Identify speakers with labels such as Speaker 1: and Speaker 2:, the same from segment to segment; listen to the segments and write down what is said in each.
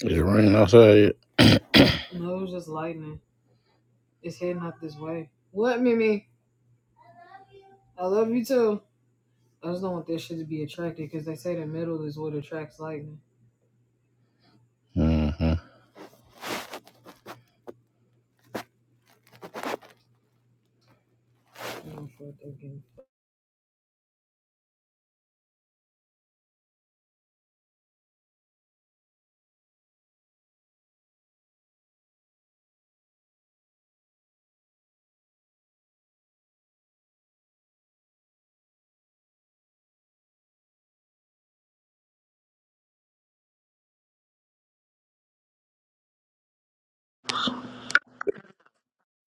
Speaker 1: It's raining outside. Mm-hmm.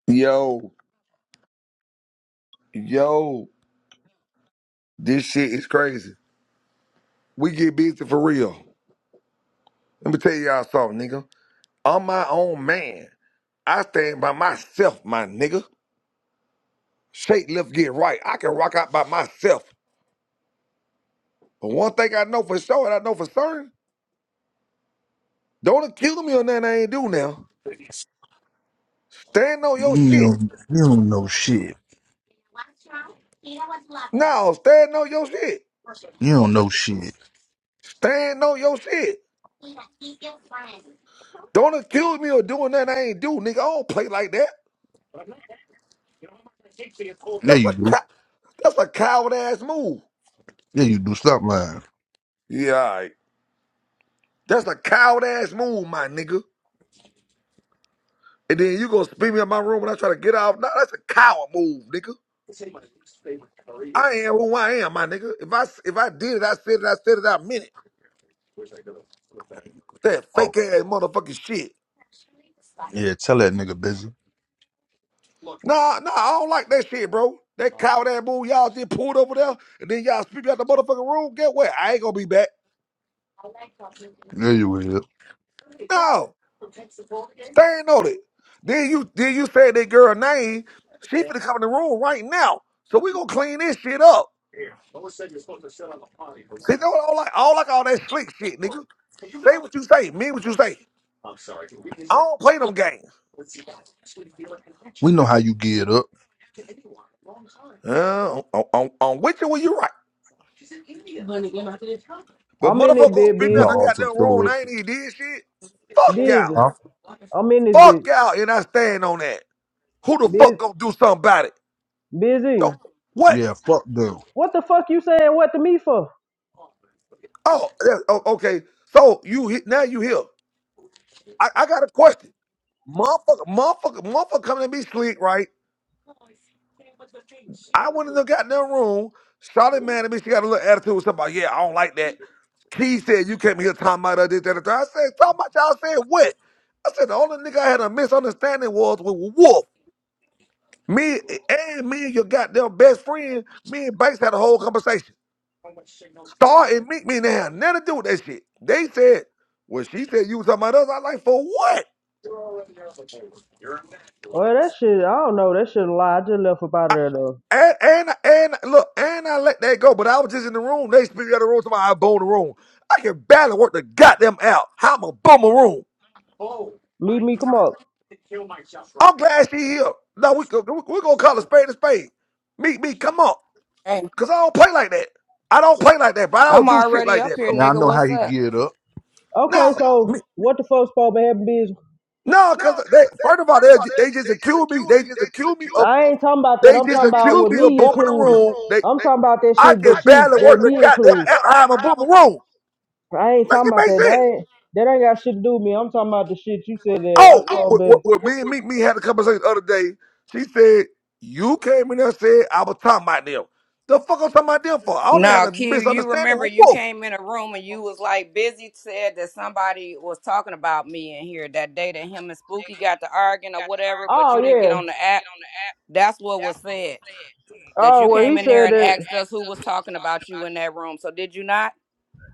Speaker 2: Yo, yo, this shit is crazy. We get busy for real. Let me tell y'all something, nigga. I'm my own man. I stand by myself, my nigga. Shake left, get right. I can rock out by myself. But one thing I know for sure, and I know for certain, don't accuse me on nothing I ain't do now. Stand on your
Speaker 3: You
Speaker 2: shit.
Speaker 3: don't, you don't know shit.
Speaker 2: No, stand on your shit.
Speaker 3: You don't know shit.
Speaker 2: Stand on your shit. Don't accuse me of doing nothing I ain't do, nigga. I don't play like that.
Speaker 3: Yeah,
Speaker 2: That's
Speaker 3: you
Speaker 2: a
Speaker 3: do.
Speaker 2: cow- that's a coward ass move.
Speaker 3: Yeah, you do. Stop lying.
Speaker 2: Yeah, That's a coward ass move, my nigga. And then you gonna spin me in my room when I try to get out? Nah, that's a coward move, nigga. I am who I am, my nigga. If I if I did it, I said it. I said it. I meant it. That
Speaker 3: Oh,
Speaker 2: fake ass motherfucking shit.
Speaker 3: yeah, tell that nigga busy.
Speaker 2: Nah, nah, I don't like that shit, bro. That coward ass move y'all just pulled over there, and then y'all speak out the motherfucking room. Get what? I ain't gonna be back.
Speaker 3: Yeah, you will.
Speaker 2: No, stand on it. Then you then you said that girl name. She finna come in the room right now. So we gonna clean this shit up. See, that's what I don't like. I don't like all that slick shit, nigga. Say what you say. Mean what you say. I don't play them games.
Speaker 3: We know how you get up.
Speaker 2: Uh, on, on, on which one you right. But
Speaker 4: I'm in
Speaker 2: motherfucker
Speaker 4: it,
Speaker 2: gonna
Speaker 4: big
Speaker 2: spit
Speaker 3: You
Speaker 2: me
Speaker 3: got
Speaker 2: out of
Speaker 4: busy.
Speaker 2: the
Speaker 3: all to
Speaker 2: goddamn room
Speaker 3: show
Speaker 2: and
Speaker 3: up.
Speaker 2: I ain't even did shit. Fuck y'all.
Speaker 4: Busy.
Speaker 3: Huh?
Speaker 4: I'm in this bitch.
Speaker 2: Fuck y'all and I stand on that. Who the
Speaker 4: Busy.
Speaker 2: fuck gonna do something about it?
Speaker 4: Busy.
Speaker 2: So what?
Speaker 3: Yeah, fuck them.
Speaker 4: What the fuck you saying what to me for?
Speaker 2: Oh, that- oh, okay. So you hit now you here. I, I got a question. Motherfucker, motherfucker, motherfucker coming at me slick, right? I wouldn't have got in that room. Charlotte mad at me. She got a little attitude with somebody. Yeah, I don't like that. Key said you came here talking about I did that. and that." I said talking about y'all said what? I said the only nigga I had a misunderstanding was with Wolf. Me and me and your goddamn best friend, me and Banks had a whole conversation. Star and Meek me and they had nothing to do with that shit. They said, well, she said you was talking about us. I like for what?
Speaker 4: Well, that shit, I don't know. That shit a lie. I just left up out of there, though.
Speaker 2: And and and look, and I let that go. But I was just in the room. They speak out the room. Somebody I bone the room. I can barely work the goddamn out. How I'm a bum a room.
Speaker 4: Meet me, come up.
Speaker 2: I'm glad she here. No, we go- we we gonna call a spade a spade. Meet me, come on,
Speaker 5: Hey,
Speaker 2: cause I don't play like that. I don't play like that, bro. I don't
Speaker 5: I'm
Speaker 2: do shit
Speaker 5: already
Speaker 2: like
Speaker 5: up
Speaker 2: that,
Speaker 5: here,
Speaker 2: bro.
Speaker 3: Yeah, I
Speaker 5: nigga.
Speaker 3: know how
Speaker 5: What's
Speaker 3: he
Speaker 5: up?
Speaker 3: get up.
Speaker 4: Okay,
Speaker 2: No,
Speaker 4: so
Speaker 2: me,
Speaker 4: what the fuck's supposed to be happening, busy?
Speaker 2: no, cause they first of all they they just accuse me. They just accuse me of
Speaker 4: I ain't talking about that.
Speaker 2: they
Speaker 4: I'm
Speaker 2: just
Speaker 4: talking about
Speaker 2: accuse
Speaker 4: with
Speaker 2: me of
Speaker 4: me
Speaker 2: booming the
Speaker 4: included.
Speaker 2: room. They
Speaker 4: I'm talking about that shit
Speaker 2: I
Speaker 4: I that
Speaker 2: can
Speaker 4: I you, that
Speaker 2: barely work
Speaker 4: me
Speaker 2: the goddamn
Speaker 4: included.
Speaker 2: out. How I'm a boom a room.
Speaker 4: I ain't
Speaker 2: Make
Speaker 4: talking
Speaker 2: it
Speaker 4: about
Speaker 2: make
Speaker 4: that. That
Speaker 2: sense.
Speaker 4: ain't, that ain't got shit to do with me. I'm talking about the shit you said that I oh
Speaker 2: Oh,
Speaker 4: supposed
Speaker 2: what,
Speaker 4: to
Speaker 2: what, what me and me, me had a conversation the other day. She said, You came in there and said I was talking about them. The fuck I'm talking about them for? I only had
Speaker 5: No,
Speaker 2: a
Speaker 5: Key, you
Speaker 2: misunderstanding
Speaker 5: remember
Speaker 2: with
Speaker 5: you
Speaker 2: Wolf.
Speaker 5: came in a room and you was like busy said that somebody was talking about me in here that day that him and Spooky got to arguing or whatever, but
Speaker 4: Oh
Speaker 5: you didn't get
Speaker 4: yeah.
Speaker 5: on the app. That's what was said.
Speaker 4: Oh
Speaker 5: That you
Speaker 4: well,
Speaker 5: came
Speaker 4: he
Speaker 5: in
Speaker 4: said
Speaker 5: there and
Speaker 4: that.
Speaker 5: asked us who was talking about you in that room. So did you not?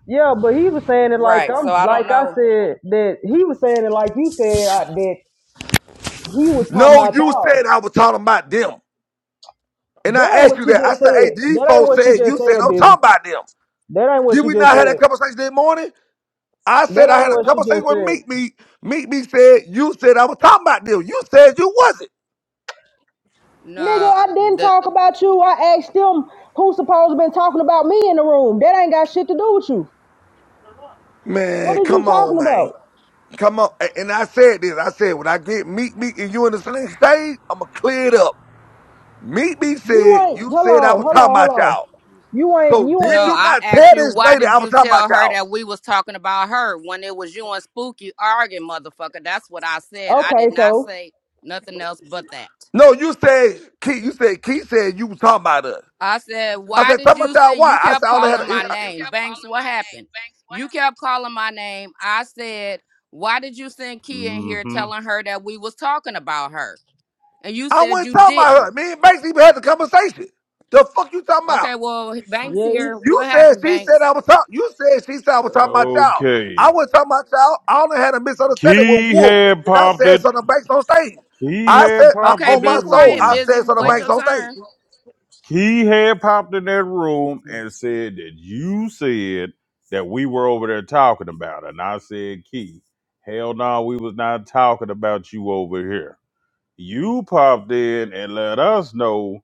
Speaker 4: Yeah, but he was saying it like
Speaker 5: Right. So
Speaker 4: I'm,
Speaker 5: I don't
Speaker 4: like I
Speaker 5: know.
Speaker 4: said that he was saying it like you said I, that he was talking
Speaker 2: No,
Speaker 4: about
Speaker 2: you
Speaker 4: y'all.
Speaker 2: said I was talking about them. And I
Speaker 4: That ain't
Speaker 2: asked
Speaker 4: what
Speaker 2: you
Speaker 4: she
Speaker 2: that. I
Speaker 4: just
Speaker 2: said, Hey,
Speaker 4: said.
Speaker 2: these
Speaker 4: That ain't
Speaker 2: folks
Speaker 4: what she
Speaker 2: said
Speaker 4: just
Speaker 2: you said
Speaker 4: said,
Speaker 2: I'm
Speaker 4: busy.
Speaker 2: talking about them.
Speaker 4: That ain't what
Speaker 2: Did
Speaker 4: she
Speaker 2: we
Speaker 4: just
Speaker 2: not have
Speaker 4: said.
Speaker 2: that conversation that morning? I
Speaker 4: That
Speaker 2: said I
Speaker 4: ain't
Speaker 2: had a
Speaker 4: what she
Speaker 2: conversation
Speaker 4: just
Speaker 2: with
Speaker 4: said.
Speaker 2: Meet Me. Meet Me said you said I was talking about them. You said you wasn't.
Speaker 4: Nigga, I didn't
Speaker 5: No,
Speaker 4: talk about you. I asked them who supposed to been talking about me in the room. That ain't got shit to do with you. What
Speaker 2: Man,
Speaker 4: is you
Speaker 2: come on,
Speaker 4: talking
Speaker 2: man.
Speaker 4: about?
Speaker 2: Come on. And I said this. I said, when I get Meek Meek and you in the same stage, I'ma clear it up. Meek Meek
Speaker 4: You
Speaker 2: said,
Speaker 4: ain't.
Speaker 2: you
Speaker 4: Hold
Speaker 2: said I
Speaker 4: on.
Speaker 2: was
Speaker 4: Hold
Speaker 2: talking
Speaker 4: on. Hold
Speaker 2: about
Speaker 4: on.
Speaker 2: y'all.
Speaker 4: You ain't.
Speaker 2: So
Speaker 4: You
Speaker 5: No,
Speaker 2: did
Speaker 4: ain't.
Speaker 2: you
Speaker 5: I
Speaker 2: not
Speaker 5: asked
Speaker 2: tell
Speaker 5: you
Speaker 2: this
Speaker 5: why
Speaker 2: lady
Speaker 5: did
Speaker 2: I was
Speaker 5: you
Speaker 2: talking about
Speaker 5: tell her
Speaker 2: y'all?
Speaker 5: that we was talking about her when it was you and Spooky arguing, motherfucker. That's what I said. I did
Speaker 4: Okay.
Speaker 5: not
Speaker 4: So
Speaker 5: say nothing else but that.
Speaker 2: No, you said, Keith. you said, Keith said you was talking about us.
Speaker 5: I said,
Speaker 2: I
Speaker 5: why
Speaker 2: said,
Speaker 5: did
Speaker 2: talking about
Speaker 5: you
Speaker 2: y'all
Speaker 5: send
Speaker 2: why?
Speaker 5: you
Speaker 2: I said,
Speaker 5: kept
Speaker 2: I only had
Speaker 5: calling
Speaker 2: a,
Speaker 5: my
Speaker 2: I
Speaker 5: name? Banks, what happened? You kept calling my name. I said, why did you send Kia in here
Speaker 6: hmm
Speaker 5: telling her that we was talking about her? And you
Speaker 2: I
Speaker 5: said
Speaker 2: wasn't
Speaker 5: you
Speaker 2: talking about her.
Speaker 5: didn't.
Speaker 2: Me and Max even had the conversation. The fuck you talking about?
Speaker 5: Okay, well, Banks
Speaker 4: Yes.
Speaker 5: here.
Speaker 2: You
Speaker 5: What
Speaker 2: said
Speaker 5: happened,
Speaker 2: she said
Speaker 5: Banks?
Speaker 2: I was talking. You said she said I was talking about y'all.
Speaker 6: Okay.
Speaker 2: I was talking about y'all. I only had a misunderstanding with
Speaker 6: Key
Speaker 2: Wolf,
Speaker 6: had
Speaker 2: and I
Speaker 6: popped
Speaker 2: said
Speaker 6: it.
Speaker 2: something to banks on stage.
Speaker 6: He
Speaker 2: I
Speaker 6: had
Speaker 2: said I,
Speaker 6: popped
Speaker 5: Okay,
Speaker 6: in
Speaker 2: on
Speaker 5: be
Speaker 2: my
Speaker 6: that
Speaker 2: soul,
Speaker 5: quiet,
Speaker 2: I
Speaker 6: room.
Speaker 5: busy.
Speaker 2: said something to
Speaker 5: Wait your
Speaker 2: banks on stage.
Speaker 5: turn.
Speaker 6: He had popped in that room and said that you said that we were over there talking about it. And I said, Key, hell no, we was not talking about you over here. You popped in and let us know